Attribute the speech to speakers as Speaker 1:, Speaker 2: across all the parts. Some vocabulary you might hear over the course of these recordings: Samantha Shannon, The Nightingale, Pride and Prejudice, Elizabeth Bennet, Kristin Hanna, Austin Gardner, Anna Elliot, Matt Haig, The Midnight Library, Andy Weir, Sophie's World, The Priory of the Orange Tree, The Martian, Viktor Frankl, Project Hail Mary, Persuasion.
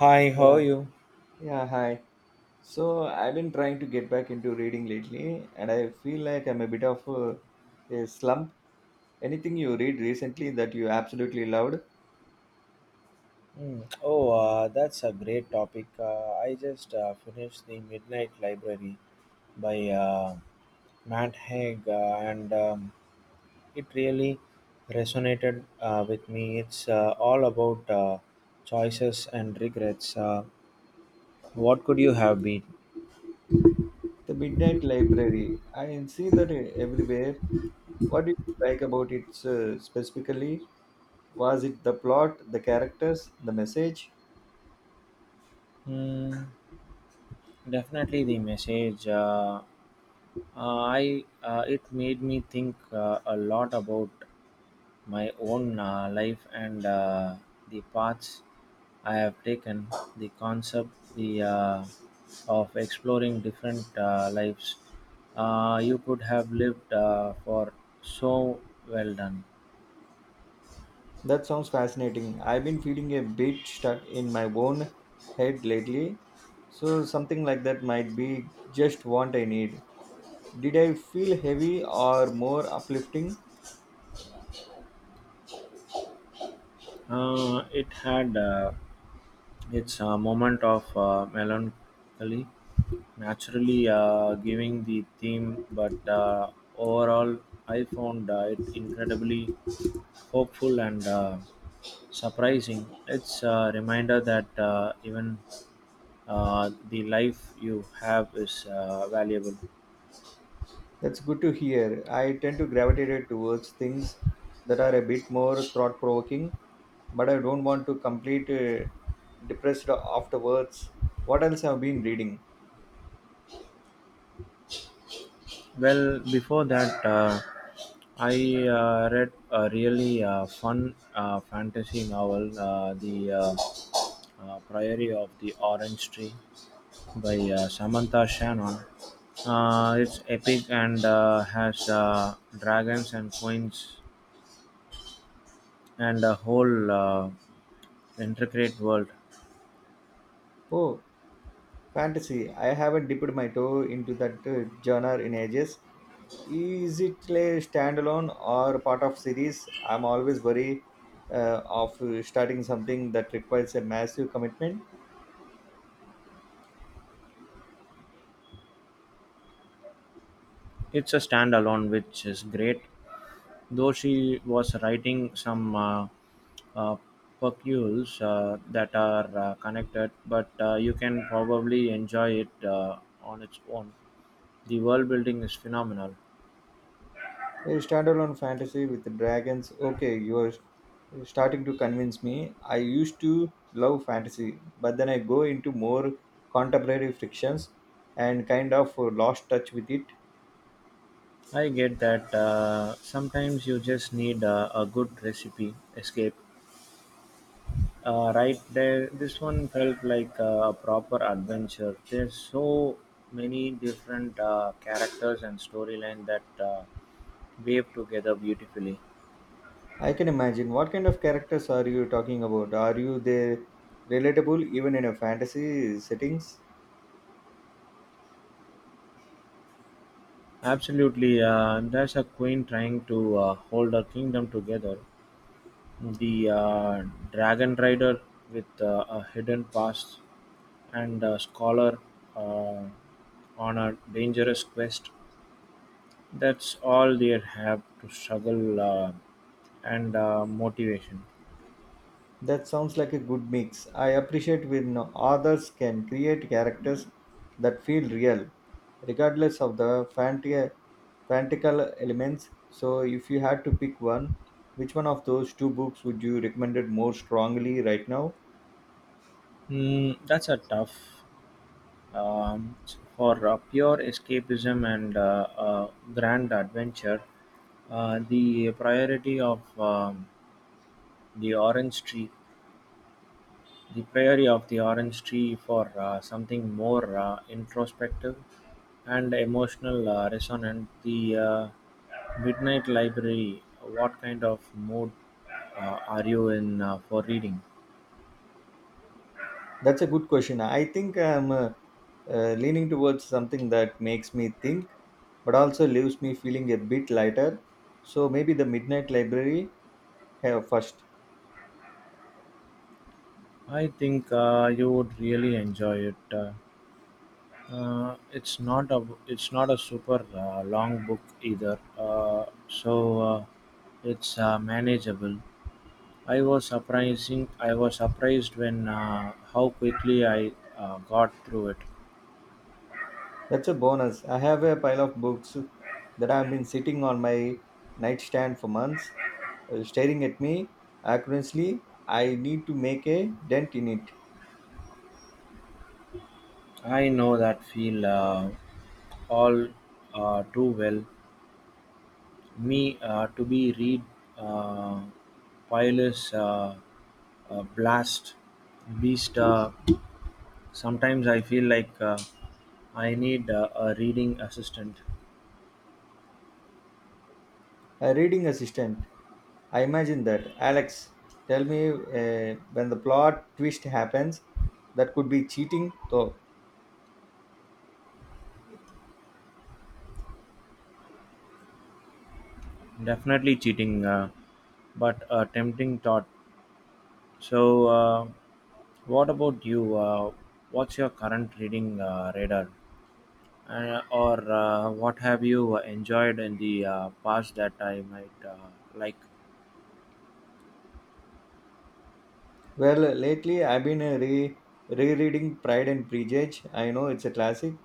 Speaker 1: Hi, how are
Speaker 2: Yeah,
Speaker 1: you?
Speaker 2: yeah, hi. So I've been trying to get back into reading lately, and I feel like I'm a bit of a slump. Anything you read recently that you absolutely loved?
Speaker 1: Hmm. Oh, that's a great topic. I just finished The Midnight Library by Matt Haig, and it really resonated with me. It's all about choices and regrets. What could you have been?
Speaker 2: The Midnight Library. I see that everywhere. What do you like about it specifically? Was it the plot, the characters, the message?
Speaker 1: Hmm, definitely the message. I It made me think a lot about my own life and the paths I have taken. The concept the of exploring different lives you could have lived for so well done.
Speaker 2: That sounds fascinating. I've been feeling a bit stuck in my own head lately, so something like that might be just what I need. Did I feel heavy or more uplifting?
Speaker 1: It had its moment of melancholy, naturally giving the theme, but overall, I found it incredibly hopeful and surprising. It's a reminder that even the life you have is valuable.
Speaker 2: That's good to hear. I tend to gravitate towards things that are a bit more thought provoking, but I don't want to complete depressed afterwards. What else have been reading?
Speaker 1: Well, before that, I read a really fun fantasy novel, The Priory of the Orange Tree by Samantha Shannon. It's epic and has dragons and queens and a whole intricate world.
Speaker 2: Oh, fantasy. I haven't dipped my toe into that genre in ages. Is it a standalone or part of series? I'm always worried of starting something that requires a massive commitment.
Speaker 1: It's a standalone, which is great. Though she was writing some uh, percules that are connected, but you can probably enjoy it on its own. The world building is phenomenal.
Speaker 2: A standalone fantasy with dragons. Okay, you're starting to convince me. I used to love fantasy, but then I go into more contemporary frictions and kind of lost touch with it.
Speaker 1: I get that sometimes you just need a good recipe escape. Right there, this one felt like a proper adventure. There's so many different characters and storyline that wave together beautifully.
Speaker 2: I can imagine. What kind of characters are you talking about? Are you they relatable even in a fantasy settings?
Speaker 1: Absolutely, there's a queen trying to hold her kingdom together. The dragon rider with a hidden past and a scholar uh, on a dangerous quest. That's all they have to struggle and motivation.
Speaker 2: That sounds like a good mix. I appreciate when authors can create characters that feel real, regardless of the fantastical elements. So, if you had to pick one, which one of those two books would you recommend it more strongly right now?
Speaker 1: Mm, that's a tough. um, for pure escapism and grand adventure. The priority of the orange tree, the prairie of the orange tree for something more introspective and emotional resonant. The Midnight Library, what kind of mood are you in for reading?
Speaker 2: That's a good question. I think I'm leaning towards something that makes me think, but also leaves me feeling a bit lighter. So, maybe The Midnight Library first.
Speaker 1: I think you would really enjoy it. It's not a super long book either, so it's manageable. I was surprising. I was surprised when how quickly I got through it.
Speaker 2: That's a bonus. I have a pile of books that have been sitting on my nightstand for months, staring at me accurately. I need to make a dent in it.
Speaker 1: I know that feel all too well. Me to be read uh, Pile's blast beast. Sometimes I feel like I need a reading assistant.
Speaker 2: A reading assistant. I imagine that. Alex, tell me when the plot twist happens. That could be cheating, though.
Speaker 1: Definitely cheating, but a tempting thought. So, what about you? What's your current reading radar, or what have you enjoyed in the past that I might like?
Speaker 2: Well, lately I've been rereading Pride and Prejudice. I know it's a classic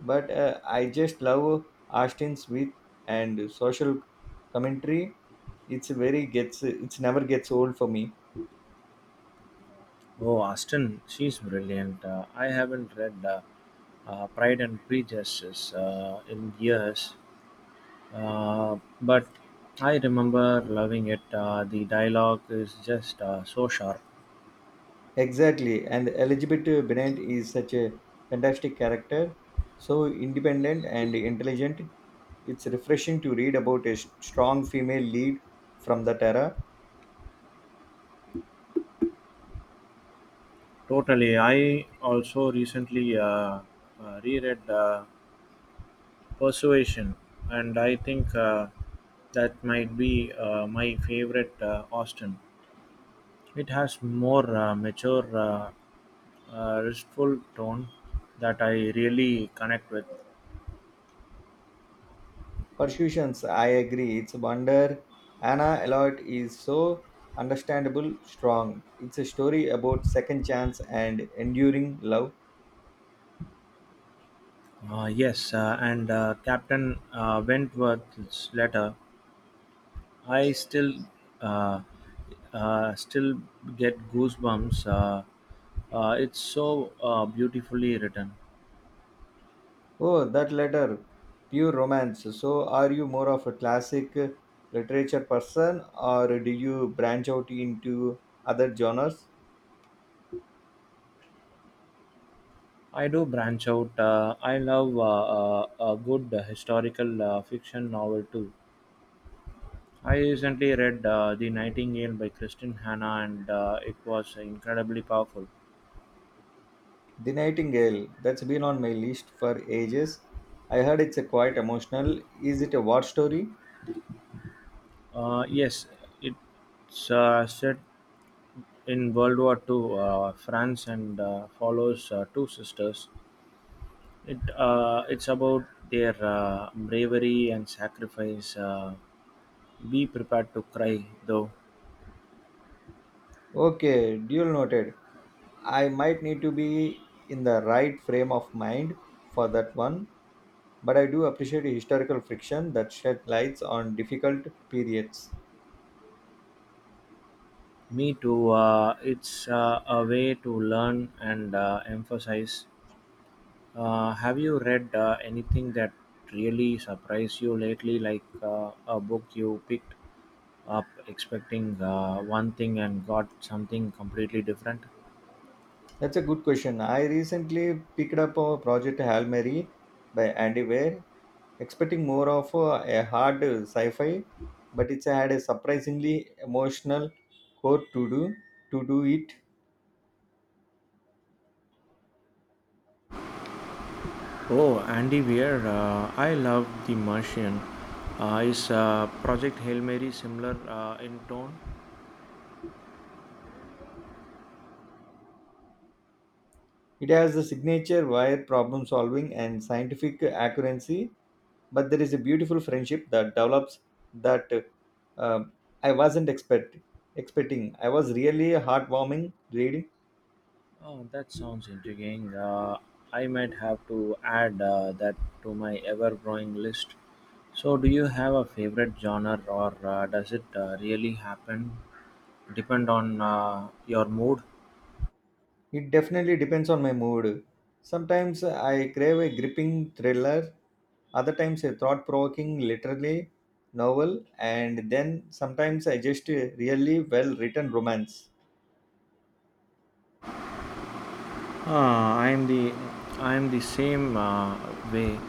Speaker 2: but I just love Austin's wit and social commentary. It's very gets it's never gets old for me.
Speaker 1: Oh, Austin, she's brilliant. I haven't read Pride and Prejudice in years, but I remember loving it. The dialogue is just so sharp.
Speaker 2: Exactly, and Elizabeth Bennet is such a fantastic character, so independent and intelligent. It's refreshing to read about a strong female lead from that era.
Speaker 1: Totally. I also recently reread, Persuasion, and I think that might be my favorite Austin. It has more mature, restful tone that I really connect with.
Speaker 2: Persuasions, I agree. It's a wonder Anna Elliot is so understandable, strong. It's a story about second chance and enduring love.
Speaker 1: Yes, and Captain Wentworth's letter, I uh, still get goosebumps. It's so beautifully written.
Speaker 2: Oh, that letter, pure romance. So, are you more of a classic literature person or do you branch out into other genres?
Speaker 1: I do branch out. I love a good historical fiction novel too. I recently read The Nightingale by Kristin Hanna and it was incredibly powerful.
Speaker 2: The Nightingale, that's been on my list for ages. I heard it's a quite emotional. Is it a war story?
Speaker 1: Yes, it's set in World War II, France, and follows two sisters. It's about their bravery and sacrifice. Be prepared to cry, though.
Speaker 2: Okay, dual noted. I might need to be in the right frame of mind for that one, but I do appreciate historical fiction that shed lights on difficult periods.
Speaker 1: Me too. It's a way to learn and emphasize. Have you read anything that really surprised you lately, like a book you picked up expecting one thing and got something completely different?
Speaker 2: That's a good question. I recently picked up a project Hail Mary by Andy Weir, expecting more of a hard sci-fi, but it's had a surprisingly emotional core to do it.
Speaker 1: Oh, Andy Weir, I love The Martian. Is Project Hail Mary similar in tone?
Speaker 2: It has the signature wire problem solving and scientific accuracy, but there is a beautiful friendship that develops that uh, I wasn't expecting. I was really heartwarming reading.
Speaker 1: Oh, that sounds intriguing. I might have to add that to my ever-growing list. So, do you have a favorite genre, or does it really happen depend on your mood?
Speaker 2: It definitely depends on my mood. Sometimes I crave a gripping thriller, other times a thought provoking literary novel, and then sometimes I just a really well written romance.
Speaker 1: Ah, I'm the same way.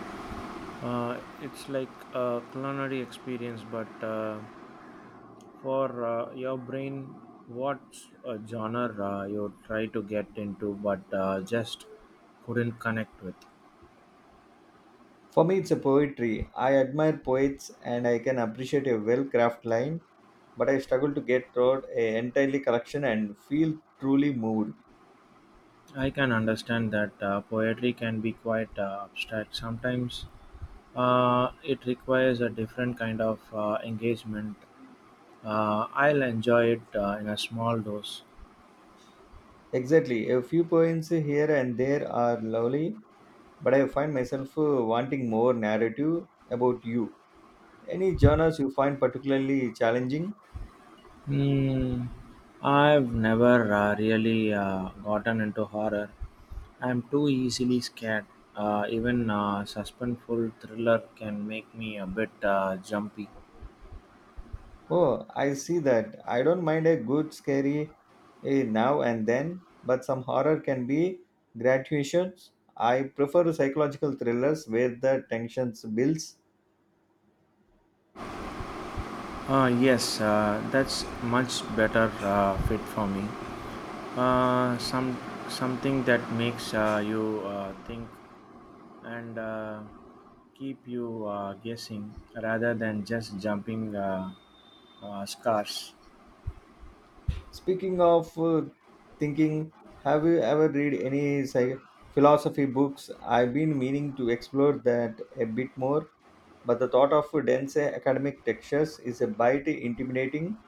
Speaker 1: It's like a culinary experience, but for your brain, what genre you try to get into, but just couldn't connect with.
Speaker 2: For me, it's a poetry. I admire poets and I can appreciate a well crafted line, but I struggle to get through a entirely collection and feel truly moved.
Speaker 1: I can understand that poetry can be quite abstract. Sometimes it requires a different kind of engagement. I'll enjoy it in a small dose.
Speaker 2: Exactly, a few poems here and there are lovely, but I find myself wanting more narrative about you. Any genres you find particularly challenging?
Speaker 1: Hmm. I've never really gotten into horror. I'm too easily scared. Even suspenseful thriller can make me a bit jumpy.
Speaker 2: Oh, I see that. I don't mind a good scary now and then, but some horror can be gratuitous. I prefer psychological thrillers where the tension builds.
Speaker 1: Yes, that's much better fit for me. uh, some something that makes you think and keep you guessing rather than just jumping scars.
Speaker 2: Speaking of thinking, have you ever read any philosophy books? I've been meaning to explore that a bit more, but the thought of dense academic textures is a bit intimidating.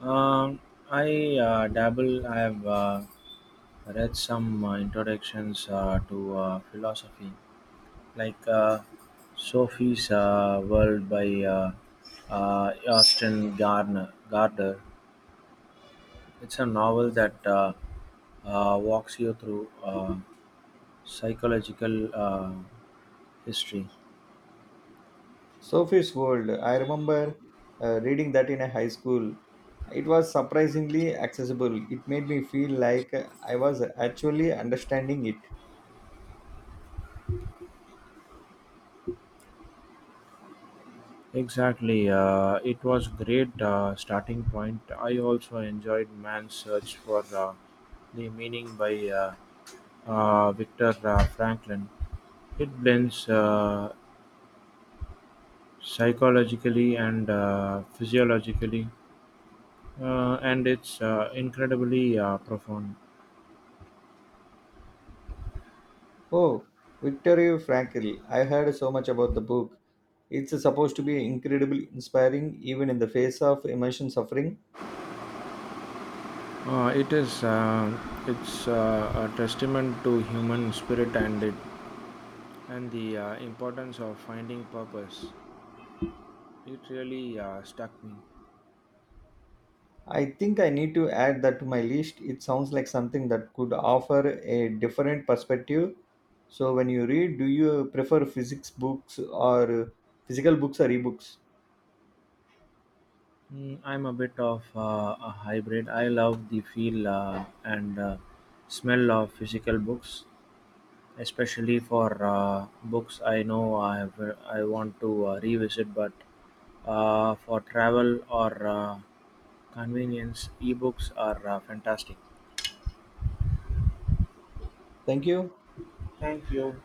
Speaker 1: Um, I dabble. I have read some introductions to philosophy, like Sophie's World by Austin Gardner. Gardner. It's a novel that walks you through. Psychological history.
Speaker 2: Sophie's World. I remember reading that in a high school. It was surprisingly accessible. It made me feel like I was actually understanding it.
Speaker 1: Exactly. It was great starting point. I also enjoyed Man's Search for the Meaning by Victor Franklin. It blends psychologically and physiologically, and it's incredibly profound.
Speaker 2: Oh, Viktor Frankl. I heard so much about the book. It's supposed to be incredibly inspiring even in the face of emotion suffering.
Speaker 1: Uh, it is uh, it's a testament to human spirit and the importance of finding purpose. It really stuck me.
Speaker 2: I think I need to add that to my list. It sounds like something that could offer a different perspective. So when you read, do you prefer physics books or physical books or ebooks?
Speaker 1: Mm, I'm a bit of a hybrid. I love the feel and smell of physical books, especially for books I know I have, I want to revisit. But for travel or convenience, ebooks are fantastic.
Speaker 2: Thank you.
Speaker 1: Thank you.